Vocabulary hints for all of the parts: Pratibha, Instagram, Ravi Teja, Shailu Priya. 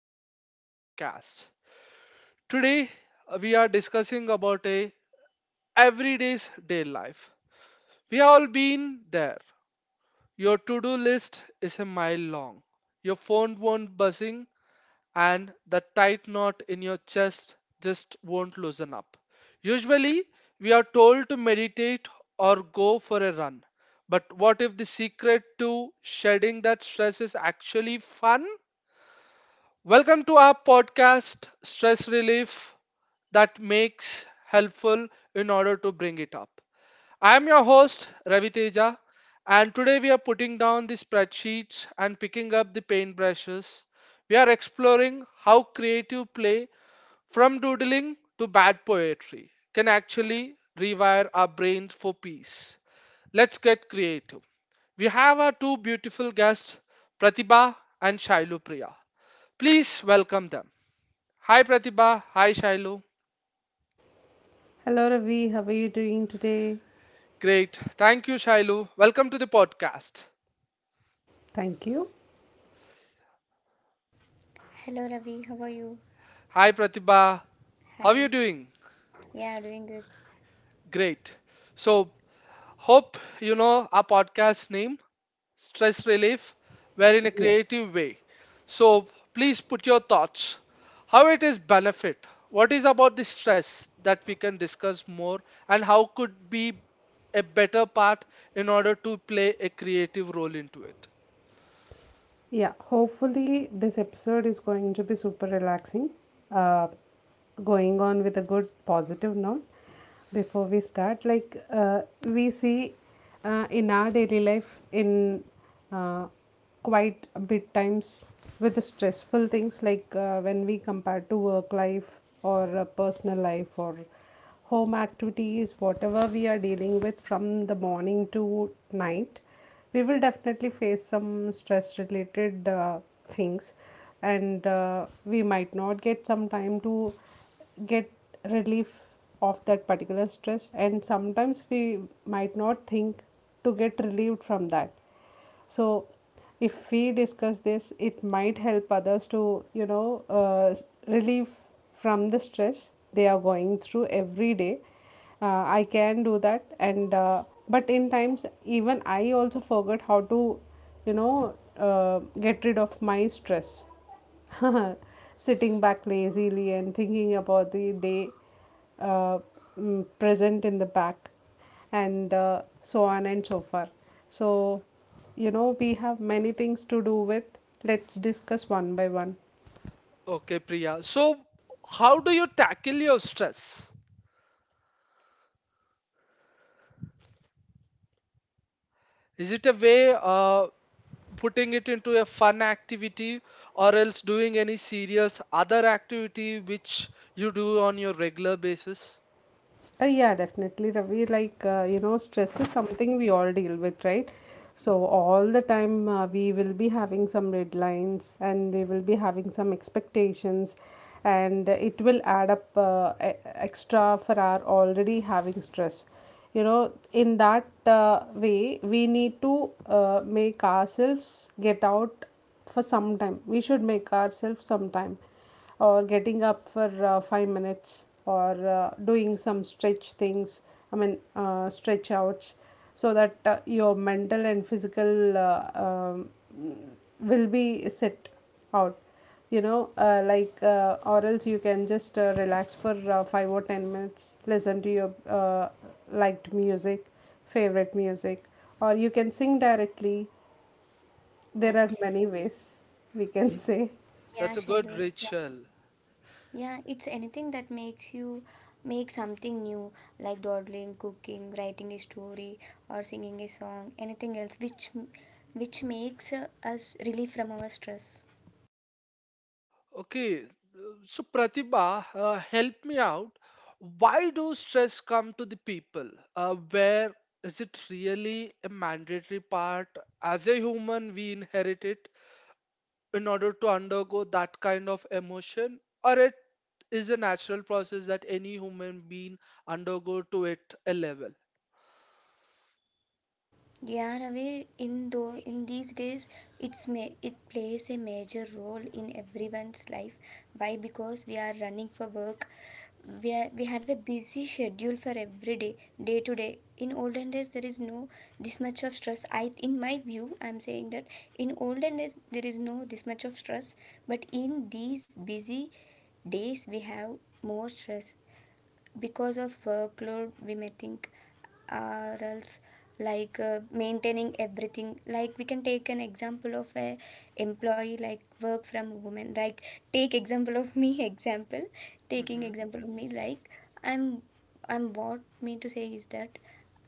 welcome to the podcast. Today we are discussing about a everyday's day life. We have all been there. Your to-do list is a mile long. Your phone won't buzzing and the tight knot in your chest just won't loosen up. Usually we are told to meditate or go for a run. But what if the secret to shedding that stress is actually fun? Welcome to our podcast, Stress Relief That Makes Helpful in order to bring it up. I am your host, Ravi Teja, and today we are putting down the spreadsheets and picking up the paintbrushes. We are exploring how creative play, from doodling to bad poetry, can actually rewire our brains for peace. Let's get creative. We have our two beautiful guests, Pratibha and Shailu Priya. Please welcome them. Hi, Pratibha. Hi, Shailu. Great. Thank you, Shailu. Welcome to the podcast. Hello Ravi, how are you? Hi, Pratibha. How are Hi. you doing? Yeah, doing good. Great. So, hope you know our podcast name, Stress Relief, where in a creative way. So, please put your thoughts. How it is benefit? What is about the stress that we can discuss more, and how could be a better part in order to play a creative role into it? Okay, Priya. So, how do you tackle your stress? Is it a way putting it into a fun activity or else doing any serious other activity which you do on your regular basis? Okay. Yeah, That's a Shailu. good It's, uh, ritual. yeah, it's anything that makes you make something new, like dawdling, cooking, writing a story, or singing a song. Anything else which makes us relief from our stress. Okay. So, Pratibha, help me out. Why do stress come to the people? Where is it really a mandatory part? As a human, we inherit it in order to undergo that kind of emotion, or it is a natural process that any human being undergo to it a level. Yeah, Ravi, in these days, it plays a major role in everyone's life. Why? Because we are running for work. We have a busy schedule for every day, day to day. In olden days, there is no this much of stress. In my view, I'm saying that in olden days there is no this much of stress, but in these busy days we have more stress because of workload we may think or else like maintaining everything, like we can take an example of a employee like work from woman, like take example of me Mm-hmm. example of me, like I'm I'm what me to say is that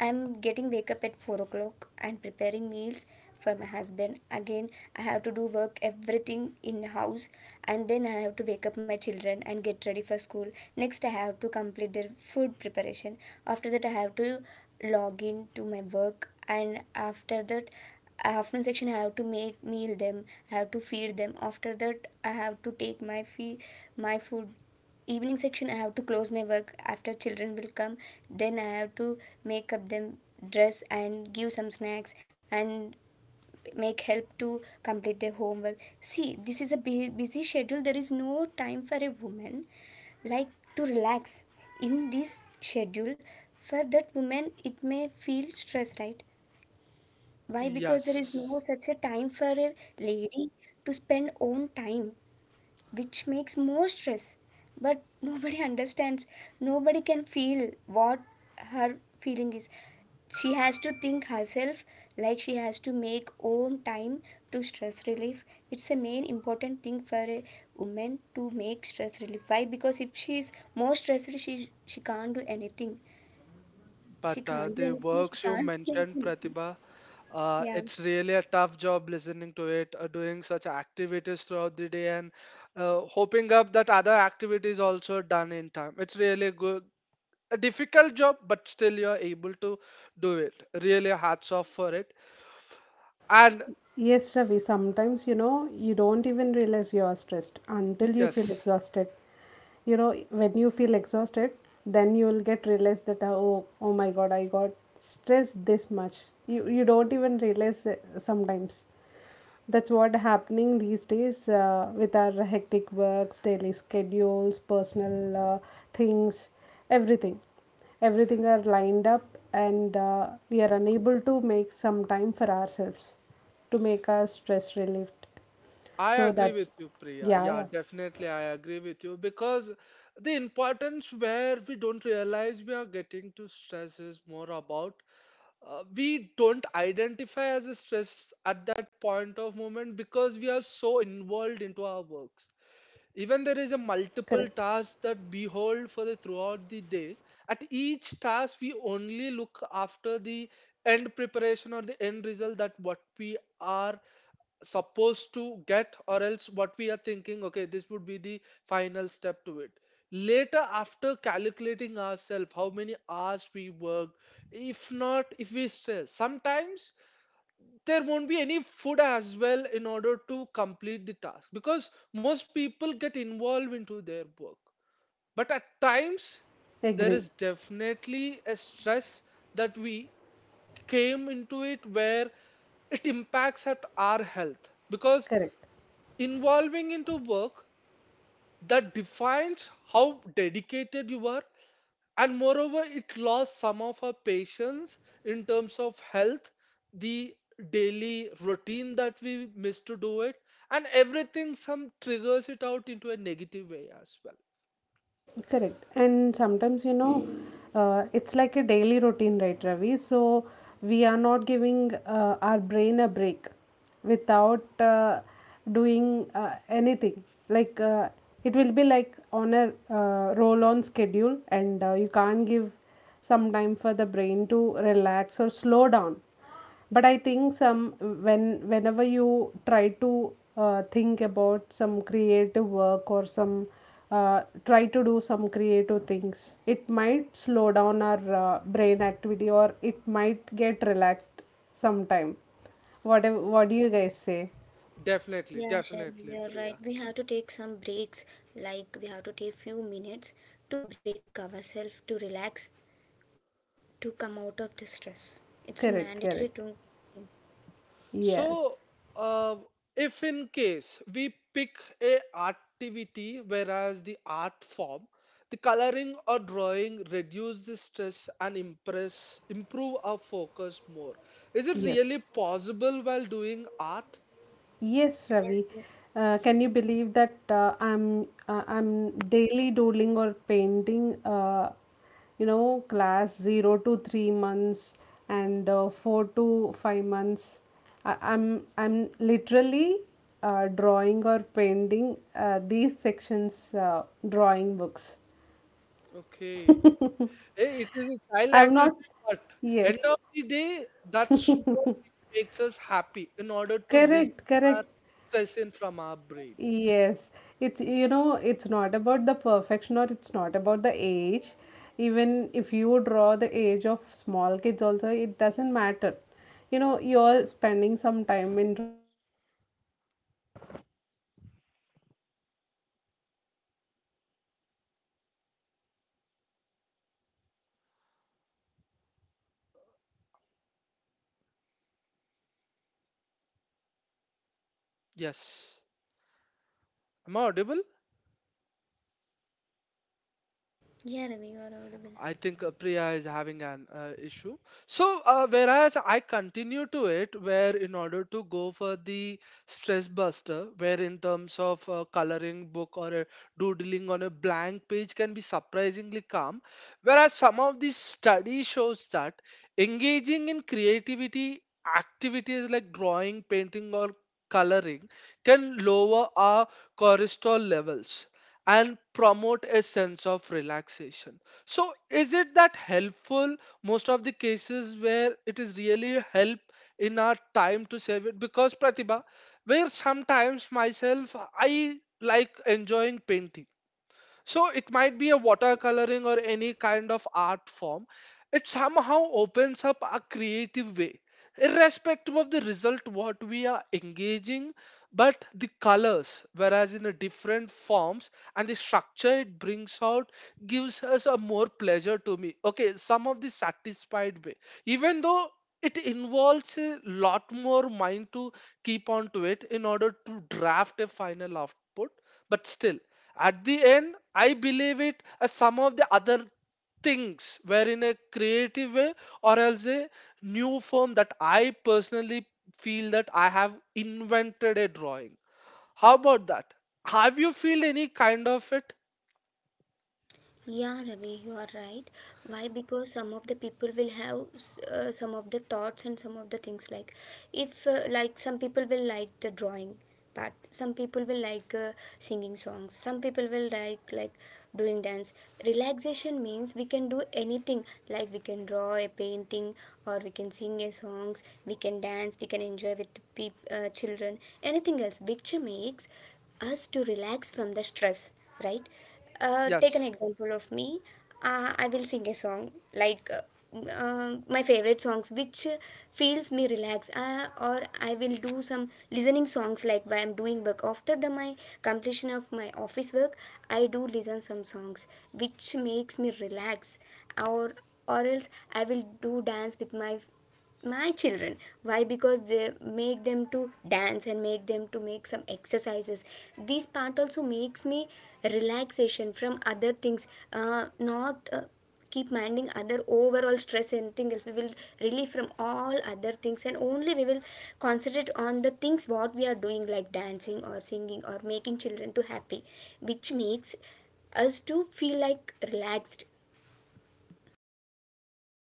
I'm getting wake up at 4 o'clock and preparing meals for my husband. Again, I have to do work, everything in house, and then I have to wake up my children and get ready for school. Next, I have to complete their food preparation. After that, I have to log in to my work, and after that, afternoon section, I have to make meal them. I have to feed them. After that, I have to take my food. Evening section, I have to close my work. After children will come, then I have to make up them dress and give some snacks and make help to complete their homework. See, this is a busy schedule. There is no time for a woman like to relax in this schedule. For that woman, it may feel stress, right? Why? Because there Yes, is no such a time for a lady to spend own time, which makes more stress. But nobody understands. Nobody can feel what her feeling is. She has to think herself, like she has to make own time to stress relief. It's a main important thing for a woman to make stress relief. Why? Because if she is more stressed, she can't do anything. She but can't do the anything. She works you can't make mentioned, anything. Pratibha, Yeah. it's really a tough job listening to it, doing such activities throughout the day, and hoping up that other activities also done in time. It's really good a difficult job, but still you're able to do it. Really hats off for it. And yes, I agree with you, Priya. Yeah, definitely, I agree with you because the importance where we don't realize we are getting to stress is more about we don't identify as a stress at that point of moment because we are so involved into our works. Even there is a multiple tasks that behold for the throughout the day. At each task, we only look after the end preparation or the end result that what we are supposed to get, or else what we are thinking, okay, this would be the final step to it. Later after calculating ourselves how many hours we worked, if not, if we stress sometimes there won't be any food as well in order to complete the task, because most people get involved into their work. But at times there is definitely a stress that we came into it where it impacts at our health, because involving into work that defines how dedicated you are, and moreover it lost some of her patience in terms of health, the daily routine that we missed to do it and everything, some triggers it out into a negative way as well. Definitely, Yeah, Shailesh, definitely, you're right. Priya. We have to take some breaks, like we have to take few minutes to break ourselves, to relax, to come out of the stress. It's a mandatory to thing. So, uh, if in case we pick a activity whereas the art form, the coloring or drawing reduce the stress and impress improve our focus more. Is it really possible while doing art? Yeah, yes. Okay. Hey, it is a child activity, but end of the day, that's what makes us happy in order to release our stress in from our brain. Yes. Am I audible? Yeah, Ravi, you're audible. I think Priya is having an issue. So, whereas I continue to it, where in order to go for the stress buster, where in terms of coloring book or a doodling on a blank page can be surprisingly calm, whereas some of the study shows that engaging in creativity activities like drawing, painting, or coloring can lower our cortisol levels and promote a sense of relaxation. So is it that helpful most of the cases where it is really help in our time to save it? Because Pratibha, where sometimes myself I like enjoying painting, so it might be a watercoloring or any kind of art form. It somehow opens up a creative way, irrespective of the result what we are engaging, but the colors, whereas in a different forms and the structure it brings out gives us a more pleasure to me. Okay, some of the satisfied way, even though it involves a lot more mind to keep on to it in order to draft a final output, but still at the end, I believe it as some of the other things were in a creative way or else a new form that I personally feel that I have invented a drawing. How about that? Have you feel any kind of it? Yeah, Ravi, you are right. Why? Because some of the people will have some of the thoughts and some of the things, like if like some people will like the drawing part, some people will like singing songs, some people will like doing dance. Relaxation means we can do anything, like we can draw a painting or we can sing a songs, we can dance, we can enjoy with children, anything else which makes us to relax from the stress, right? Take an Yes. example of me. I will sing a song, like my favorite songs, which feels me relax. Or I will do some listening songs like while I'm doing work. After the my completion of my office work, I do listen some songs which makes me relax. Or or else, I will do dance with my children. Why? Because they make them to dance and make them to make some exercises. This part also makes me relaxation from other things, not keep minding other overall stress. Anything else, we will relieve from all other things and only we will concentrate on the things what we are doing, like dancing or singing or making children to happy, which makes us to feel like relaxed.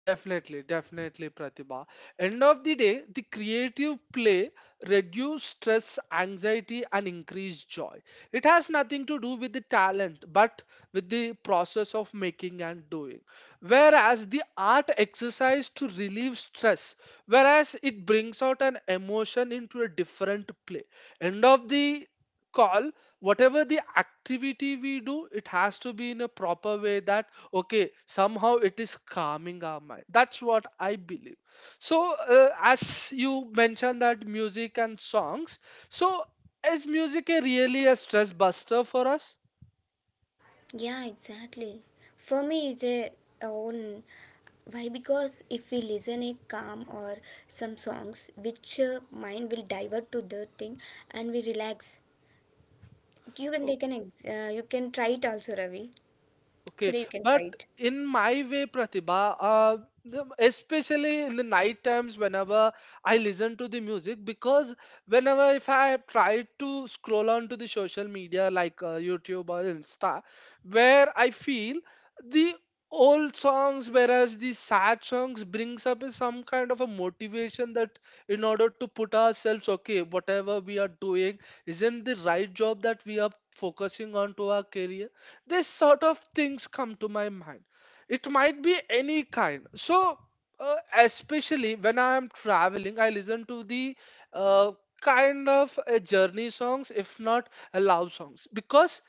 Definitely, definitely, Pratibha. End of the day, the creative play reduce stress, anxiety, and increase joy. It has nothing to do with the talent, but with the process of making and doing. Whereas the art exercise to relieve stress, whereas it brings out an emotion into a different play. End of the call, whatever the activity we do, it has to be in a proper way that okay, somehow it is calming our mind. That's what I believe. So, as you mentioned that music and songs, so is music a really a stress buster for us? Yeah, exactly. For me, it's a own. Why? Because if we listen a calm or some songs, which mind will divert to the thing, and we relax. You can take an ex- you can try it also, Ravi. Okay, Today you can try but it. in my way, Pratibha, especially in the night times, whenever I listen to the music, because whenever if I have tried to scroll on to the social media like YouTube or Insta, where I feel the old songs, whereas the sad songs brings up is some kind of a motivation that in order to put ourselves, okay, whatever we are doing isn't the right job, that we are focusing on to our career. This sort of things come to my mind. It might be any kind. So, especially when I am traveling I listen to the uh, kind of journey songs, if not love songs, because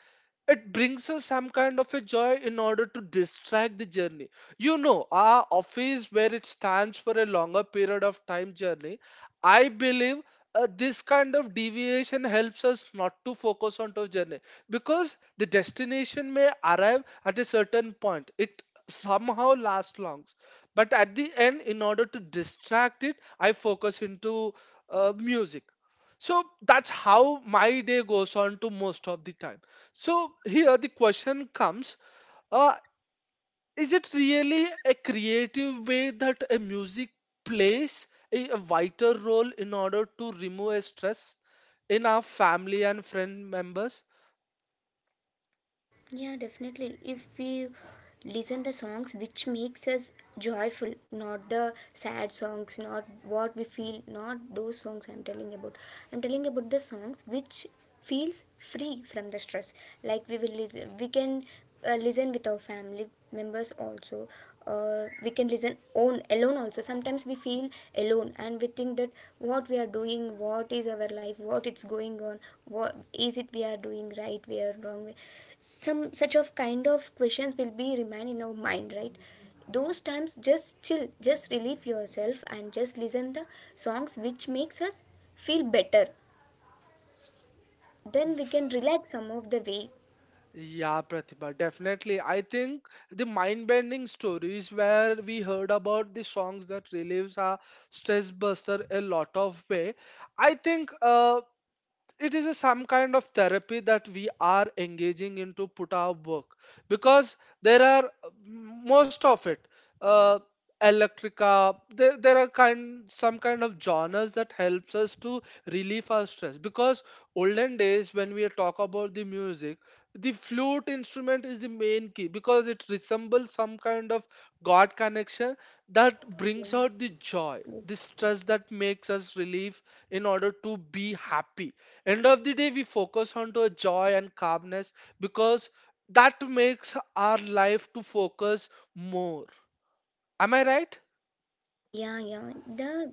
it brings us some kind of a joy in order to distract the journey, you know, our office where it stands for a longer period of time journey. I believe this kind of deviation helps us not to focus on to journey, because the destination may arrive at a certain point, it somehow lasts long, but at the end in order to distract it I focus into music. So that's how my day goes on to most of the time. So here the question comes, uh, is it really a creative way that a music plays a vital role in order to remove a stress in our family and friend members? Yeah, definitely. If we listen the songs which makes us joyful, not the sad songs, not what we feel, not those songs I'm telling about. I'm telling about the songs which feels free from the stress. Like we will listen, we can listen with our family members also. We can listen on alone also. Sometimes we feel alone and we think that what we are doing, what is our life, what it's going on, what is it we are doing, right, we are wrong, some such of kind of questions will be remain in our mind, right? Those times, just chill, just relieve yourself and just listen the songs which makes us feel better. Then we can relax some of the way. Yeah, Pratibha, definitely. I think the mind-bending stories where we heard about the songs that relieves our stress buster a lot of way. I think it is a some kind of therapy that we are engaging in to put our work, because there are most of it uh, electrica there are kind some kind of genres that helps us to relieve our stress, because olden days when we talk about the music, the flute instrument is the main key, because it resembles some kind of god connection that brings out the joy, the stress that makes us relieve in order to be happy. End of the day we focus on to joy and calmness, because that makes our life to focus more. Am I right? Yeah, yeah. The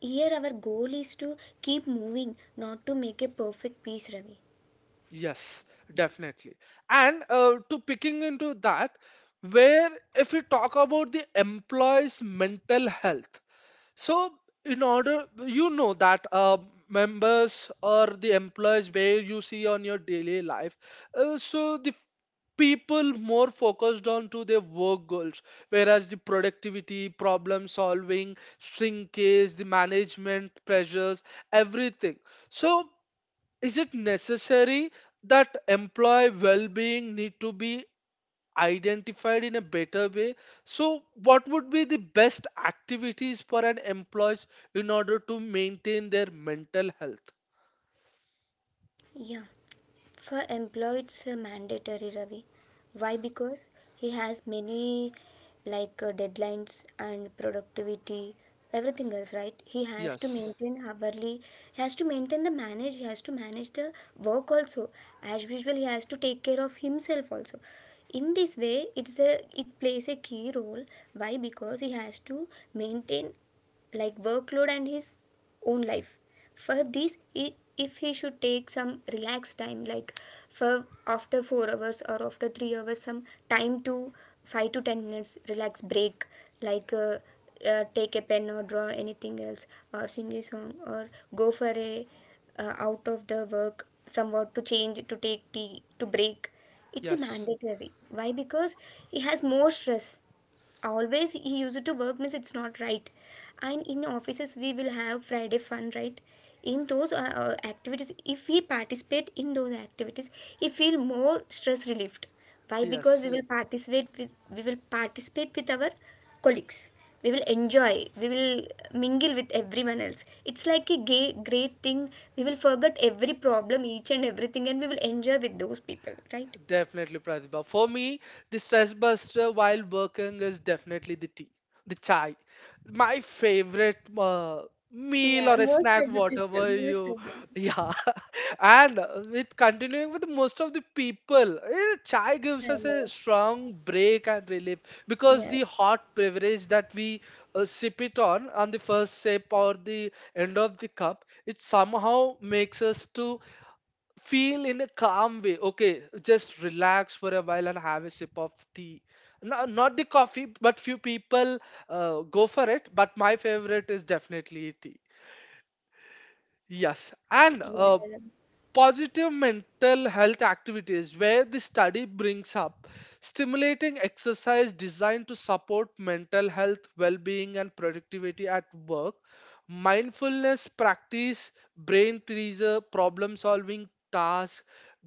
Here our goal is to keep moving, not to make a perfect piece, Ravi. Yes, definitely. And to picking into that, where if we talk about the employees mental health. So, in order, you know that members or the employees where you see on your daily life, so the people more focused on to their work goals, whereas the productivity, problem solving, shrinkage, the management pressures, everything. So, is it necessary that employee well-being need to be identified in a better way. So, what would be the best activities for an employees in order to maintain their mental health? Yeah. For employee, it's mandatory, Ravi. Why? Because he has many like deadlines and productivity, everything else, right? He has to Yes, maintain hourly, he has to maintain the manage, he has to manage the work also. As usual, he has to take care of himself also. In this way, it plays a key role. Why? Because he has to maintain like workload and his own life. For this, i- if he should take some relaxed time, like for after 4 hours or after 3 hours, some time to 5 to 10 minutes relax break, like take a pen or draw anything else, or sing a song, or go for a out of the work somewhat to change, to take tea to break. It's a yes, mandatory. Why? Because he has more stress. Always he used to work means it's not right. And in offices we will have Friday fun, right? In those activities, if we participate in those activities, he feel more stress relieved. Why? Because we yes, will participate with our colleagues. We will enjoy, we will mingle with everyone else. It's like a great thing. We will forget every problem, each and everything, and we will enjoy with those people, right? definitely, Pratibha. For me, the stress buster while working is definitely the tea, the chai. My favorite meal Yeah, or a most snack, of the people, whatever most you, of them, yeah. And with continuing with most of the people, chai gives us a yeah, strong break and relief, because yeah. the hot beverage that we sip it on the first sip or the end of the cup, it somehow makes us to feel in a calm way. Okay, just relax for a while and have a sip of tea. No, not the coffee, but few people go for it. But my favorite is definitely tea. Yes, and Yeah, positive mental health activities where the study brings up stimulating exercise designed to support mental health, well-being, and productivity at work. Mindfulness practice, brain teaser, problem solving task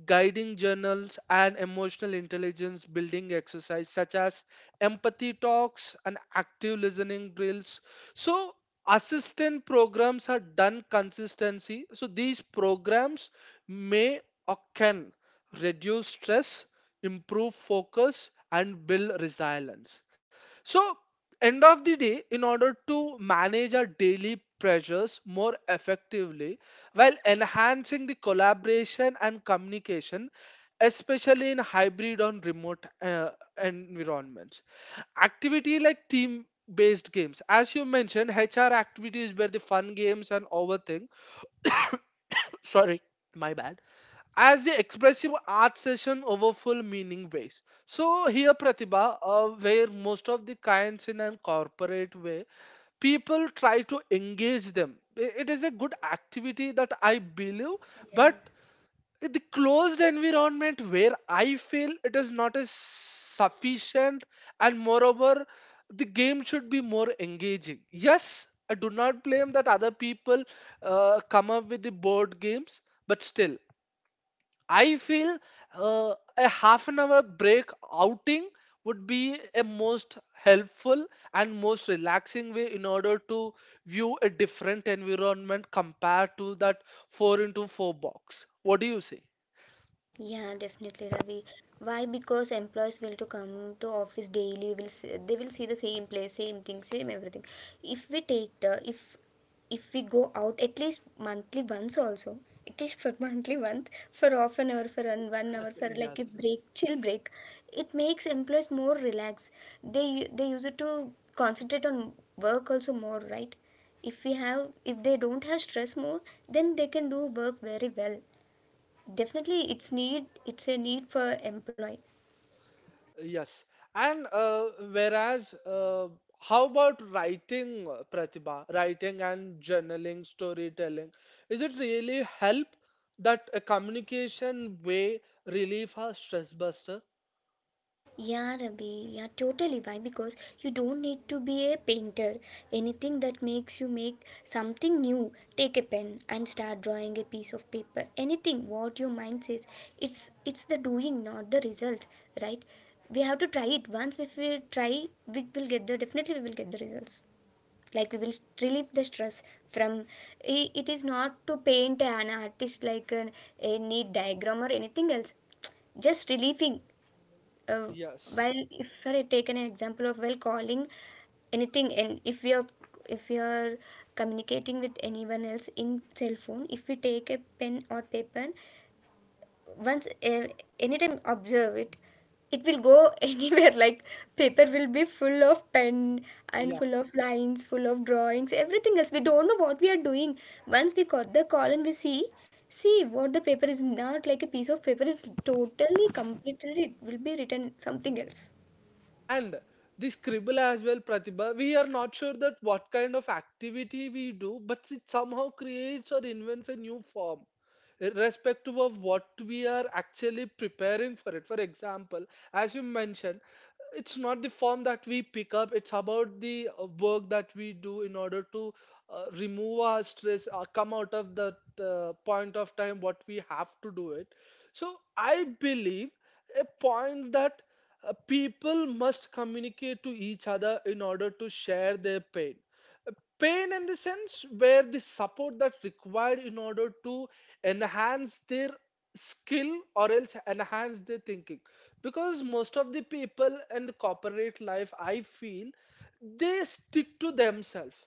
guiding journals, and emotional intelligence building exercise such as empathy talks and active listening drills. So assistant programs are done consistency. So these programs may or can reduce stress, improve focus, and build resilience. So, end of the day, in order to manage our daily pressures more effectively while enhancing the collaboration and communication, especially in hybrid or remote environments, activity like team based games, as you mentioned, HR activities were the fun games and overthink. Sorry, my bad as the expressive art session over full meaning base. So here Pratibha, where most of the kinds in a corporate way, people try to engage them. It is a good activity that I believe, but in the closed environment where I feel it is not as sufficient, and moreover, the game should be more engaging. Yes, I do not blame that other people come up with the board games, but still. I feel a half an hour break outing would be a most helpful and most relaxing way in order to view a different environment compared to that 4 into 4 box. What do you say? yeah, definitely, Ravi. Why? Because employees will to come to office daily. They will see the same place, same thing, same everything. If we go out at least monthly once also, at least for monthly once for half an hour, for 1 hour, for like Yes, a yes, break, chill break, it makes employees more relaxed. They use it to concentrate on work also more, right? If they don't have stress more, then they can do work very well. Definitely, it's need. It's a need for employee. yes. And whereas, how about writing, Pratibha? Writing and journaling, storytelling. Is it really help that a communication way relieve our stress buster? Yeah, Rabi. Yeah, totally. Why? Because you don't need to be a painter. Anything that makes you make something new, take a pen and start drawing a piece of paper. Anything what your mind says, it's the doing, not the result, right? We have to try it once. If we try, we will get the definitely we will get the results. Like we will relieve the stress from it is not to paint an artist like a neat diagram or anything else, just relieving. uh, Yes. while, if I take an example of while calling anything and if we are if we are communicating with anyone else in cell phone, if we take a pen or paper anytime, observe it will go anywhere, like paper will be full of pen and Yeah. full of lines, full of drawings, everything else. We don't know what we are doing. Once we got the call and we see what the paper is, not like a piece of paper. Is totally, completely, it will be written something else. And the scribble as well, Pratibha. We are not sure that what kind of activity we do, but it somehow creates or invents a new form, irrespective of what we are actually preparing for it. For example, as you mentioned, it's not the form that we pick up, it's about the work that we do in order to remove our stress, come out of that point of time what we have to do it. So I believe a point that people must communicate to each other in order to share their pain. Uh, Pain in the sense where the support that required in order to enhance their skill or else enhance their thinking, because most of the people in the corporate life, I feel they stick to themselves,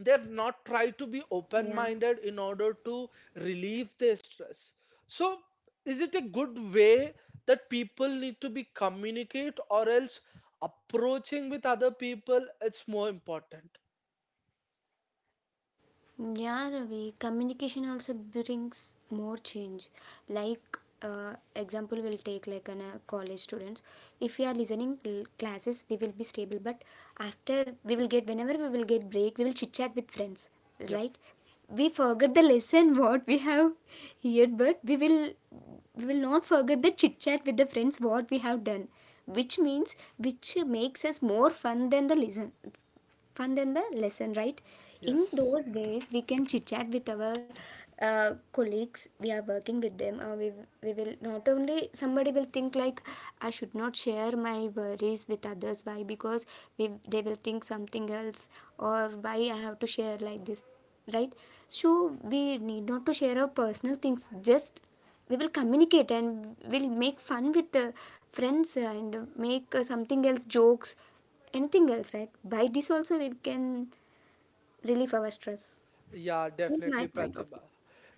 they're not try to be open Yeah. minded in order to relieve their stress. So is it a good way that people need to be communicate or else approaching with other people? It's more important. Yeah, Ravi, communication also brings more change. Like, example will take like college students. If we are listening classes, we will be stable. But after we will get whenever we will get break, we will chit chat with friends, Yep. right? We forget the lesson what we have here, but we will not forget the chit chat with the friends what we have done, which means which makes us more fun than the lesson, right? In Yes. those ways, we can chit chat with our colleagues. We are working with them. We will not only somebody will think like I should not share my worries with others. Why? Because they will think something else, or why I have to share like this, right? So we need not to share our personal things. Just we will communicate and we'll make fun with the friends and make something else jokes, anything else, right? By this also we can relieve our stress, Yeah, in my definitely, point of Pratibha. view.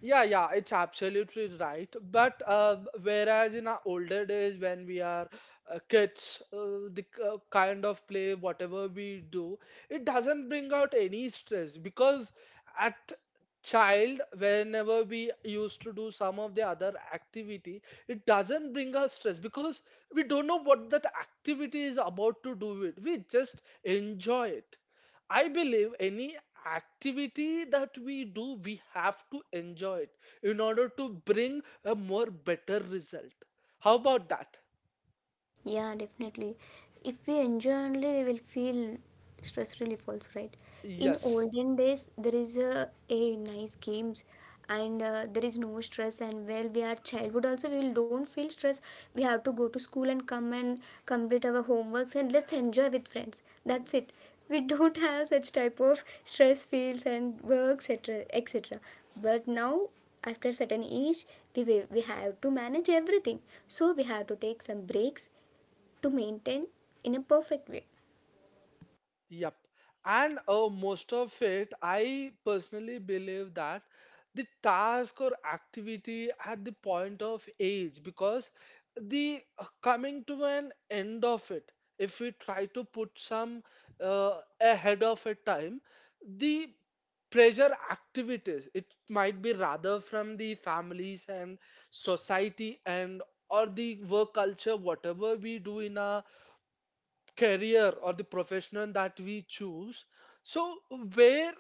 Yeah, yeah, it's absolutely right. But whereas in our older days, when we are kids, kind of play, whatever we do, it doesn't bring out any stress because at child, whenever we used to do some of the other activity, it doesn't bring us stress because we don't know what that activity is about to do it. We just enjoy it. I believe any activity that we do, we have to enjoy it in order to bring a more better result. How about that? Yeah, definitely. If we enjoy only, we will feel stress relief also, right? In Yes, olden days, there is a nice games and there is no stress. And while we are childhood also, we will don't feel stress. We have to go to school and come and complete our homeworks and let's enjoy with friends, that's it. We don't have such type of stress fields and work, etc, etc. But now after certain age, we have to manage everything. So we have to take some breaks to maintain in a perfect way. yep. And most of it, I personally believe that the task or activity at the point of age, because the coming to an end of it, if we try to put some ahead of a time, the pressure activities, it might be rather from the families and society and or the work culture whatever we do in our career or the profession that we choose. So where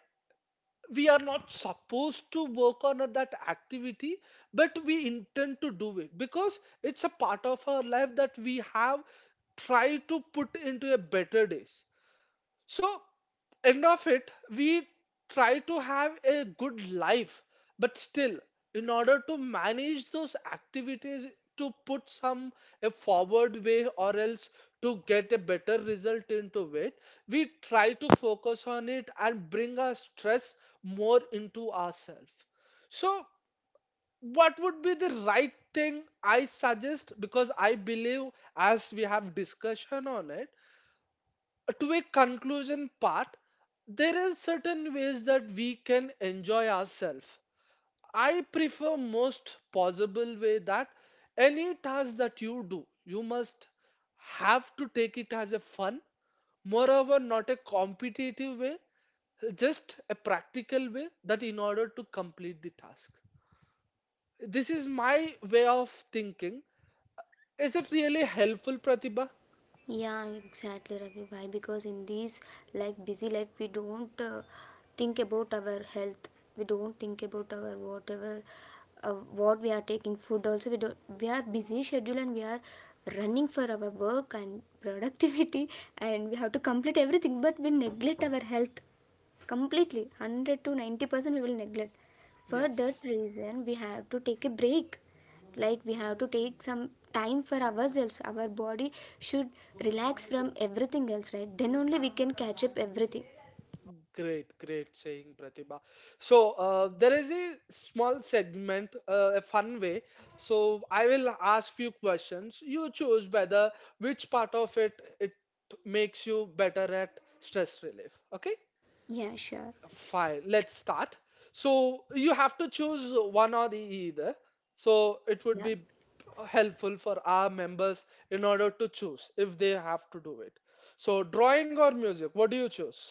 we are not supposed to work on that activity, but we intend to do it because it's a part of our life that we have tried to put into a better days. So end of it, we try to have a good life, but still, in order to manage those activities, to put some a forward way or else to get a better result into it, we try to focus on it and bring our stress more into ourselves. So, what would be the right thing I suggest? Because I believe, as we have discussion on it, to a conclusion part, there is certain ways that we can enjoy ourselves. I prefer most possible way that any task that you do, you must have to take it as a fun, moreover not a competitive way, just a practical way that in order to complete the task. This is my way of thinking. Is it really helpful, Pratibha? Yeah, exactly, Ravi. Why? Because in this life, busy life, we don't think about our health. We don't think about our whatever, uh, what we are taking food. Also, we don't. We are busy schedule and we are running for our work and productivity, and we have to complete everything. But we neglect our health completely. 100 to 90% we will neglect. For Yes. that reason, we have to take a break, like we have to take some time for ourselves. Our body should relax from everything else, right? Then only we can catch up everything. Great, great saying, Pratibha. So there is a small segment, a fun way. So I will ask few questions. You choose whether which part of it it makes you better at stress relief. Okay, Yeah, sure. fine. Let's start. So you have to choose one or the either. So it would Yeah, be helpful for our members in order to choose if they have to do it. So drawing or music, what do you choose?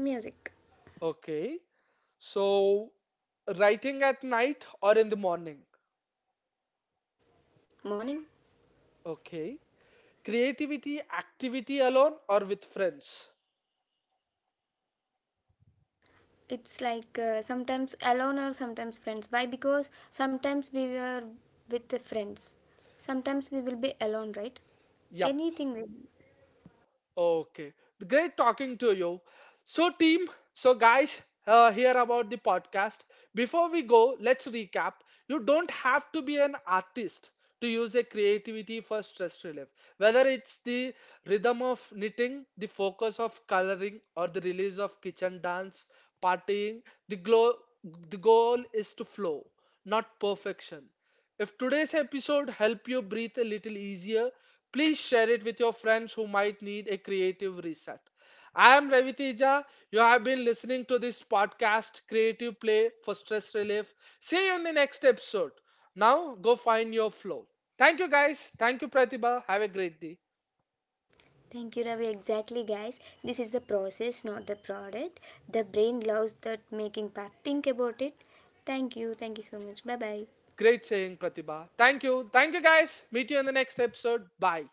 music Okay. So, writing at night or in the morning? morning, Okay. Creativity, activity alone or with friends? it's like sometimes alone or sometimes friends. Why? Because sometimes we were with the friends, sometimes we will be alone, right? Yup. Anything will. Okay. Great talking to you. So, team, so guys, here about the podcast. Before we go, let's recap. You don't have to be an artist to use a creativity for stress relief. Whether it's the rhythm of knitting, the focus of coloring, or the release of kitchen dance, partying, the glow, the goal is to flow, not perfection. If today's episode helped you breathe a little easier, please share it with your friends who might need a creative reset. I am Ravi Teja. You have been listening to this podcast, Creative Play for Stress Relief. See you in the next episode. Now go find your flow. Thank you guys. Thank you Pratibha. Have a great day. Thank you, Ravi. Exactly, guys. This is the process, not the product. The brain loves that making part. Think about it. Thank you. Thank you so much. Bye bye. Great saying Pratibha. Thank you. Thank you guys. Meet you in the next episode. Bye.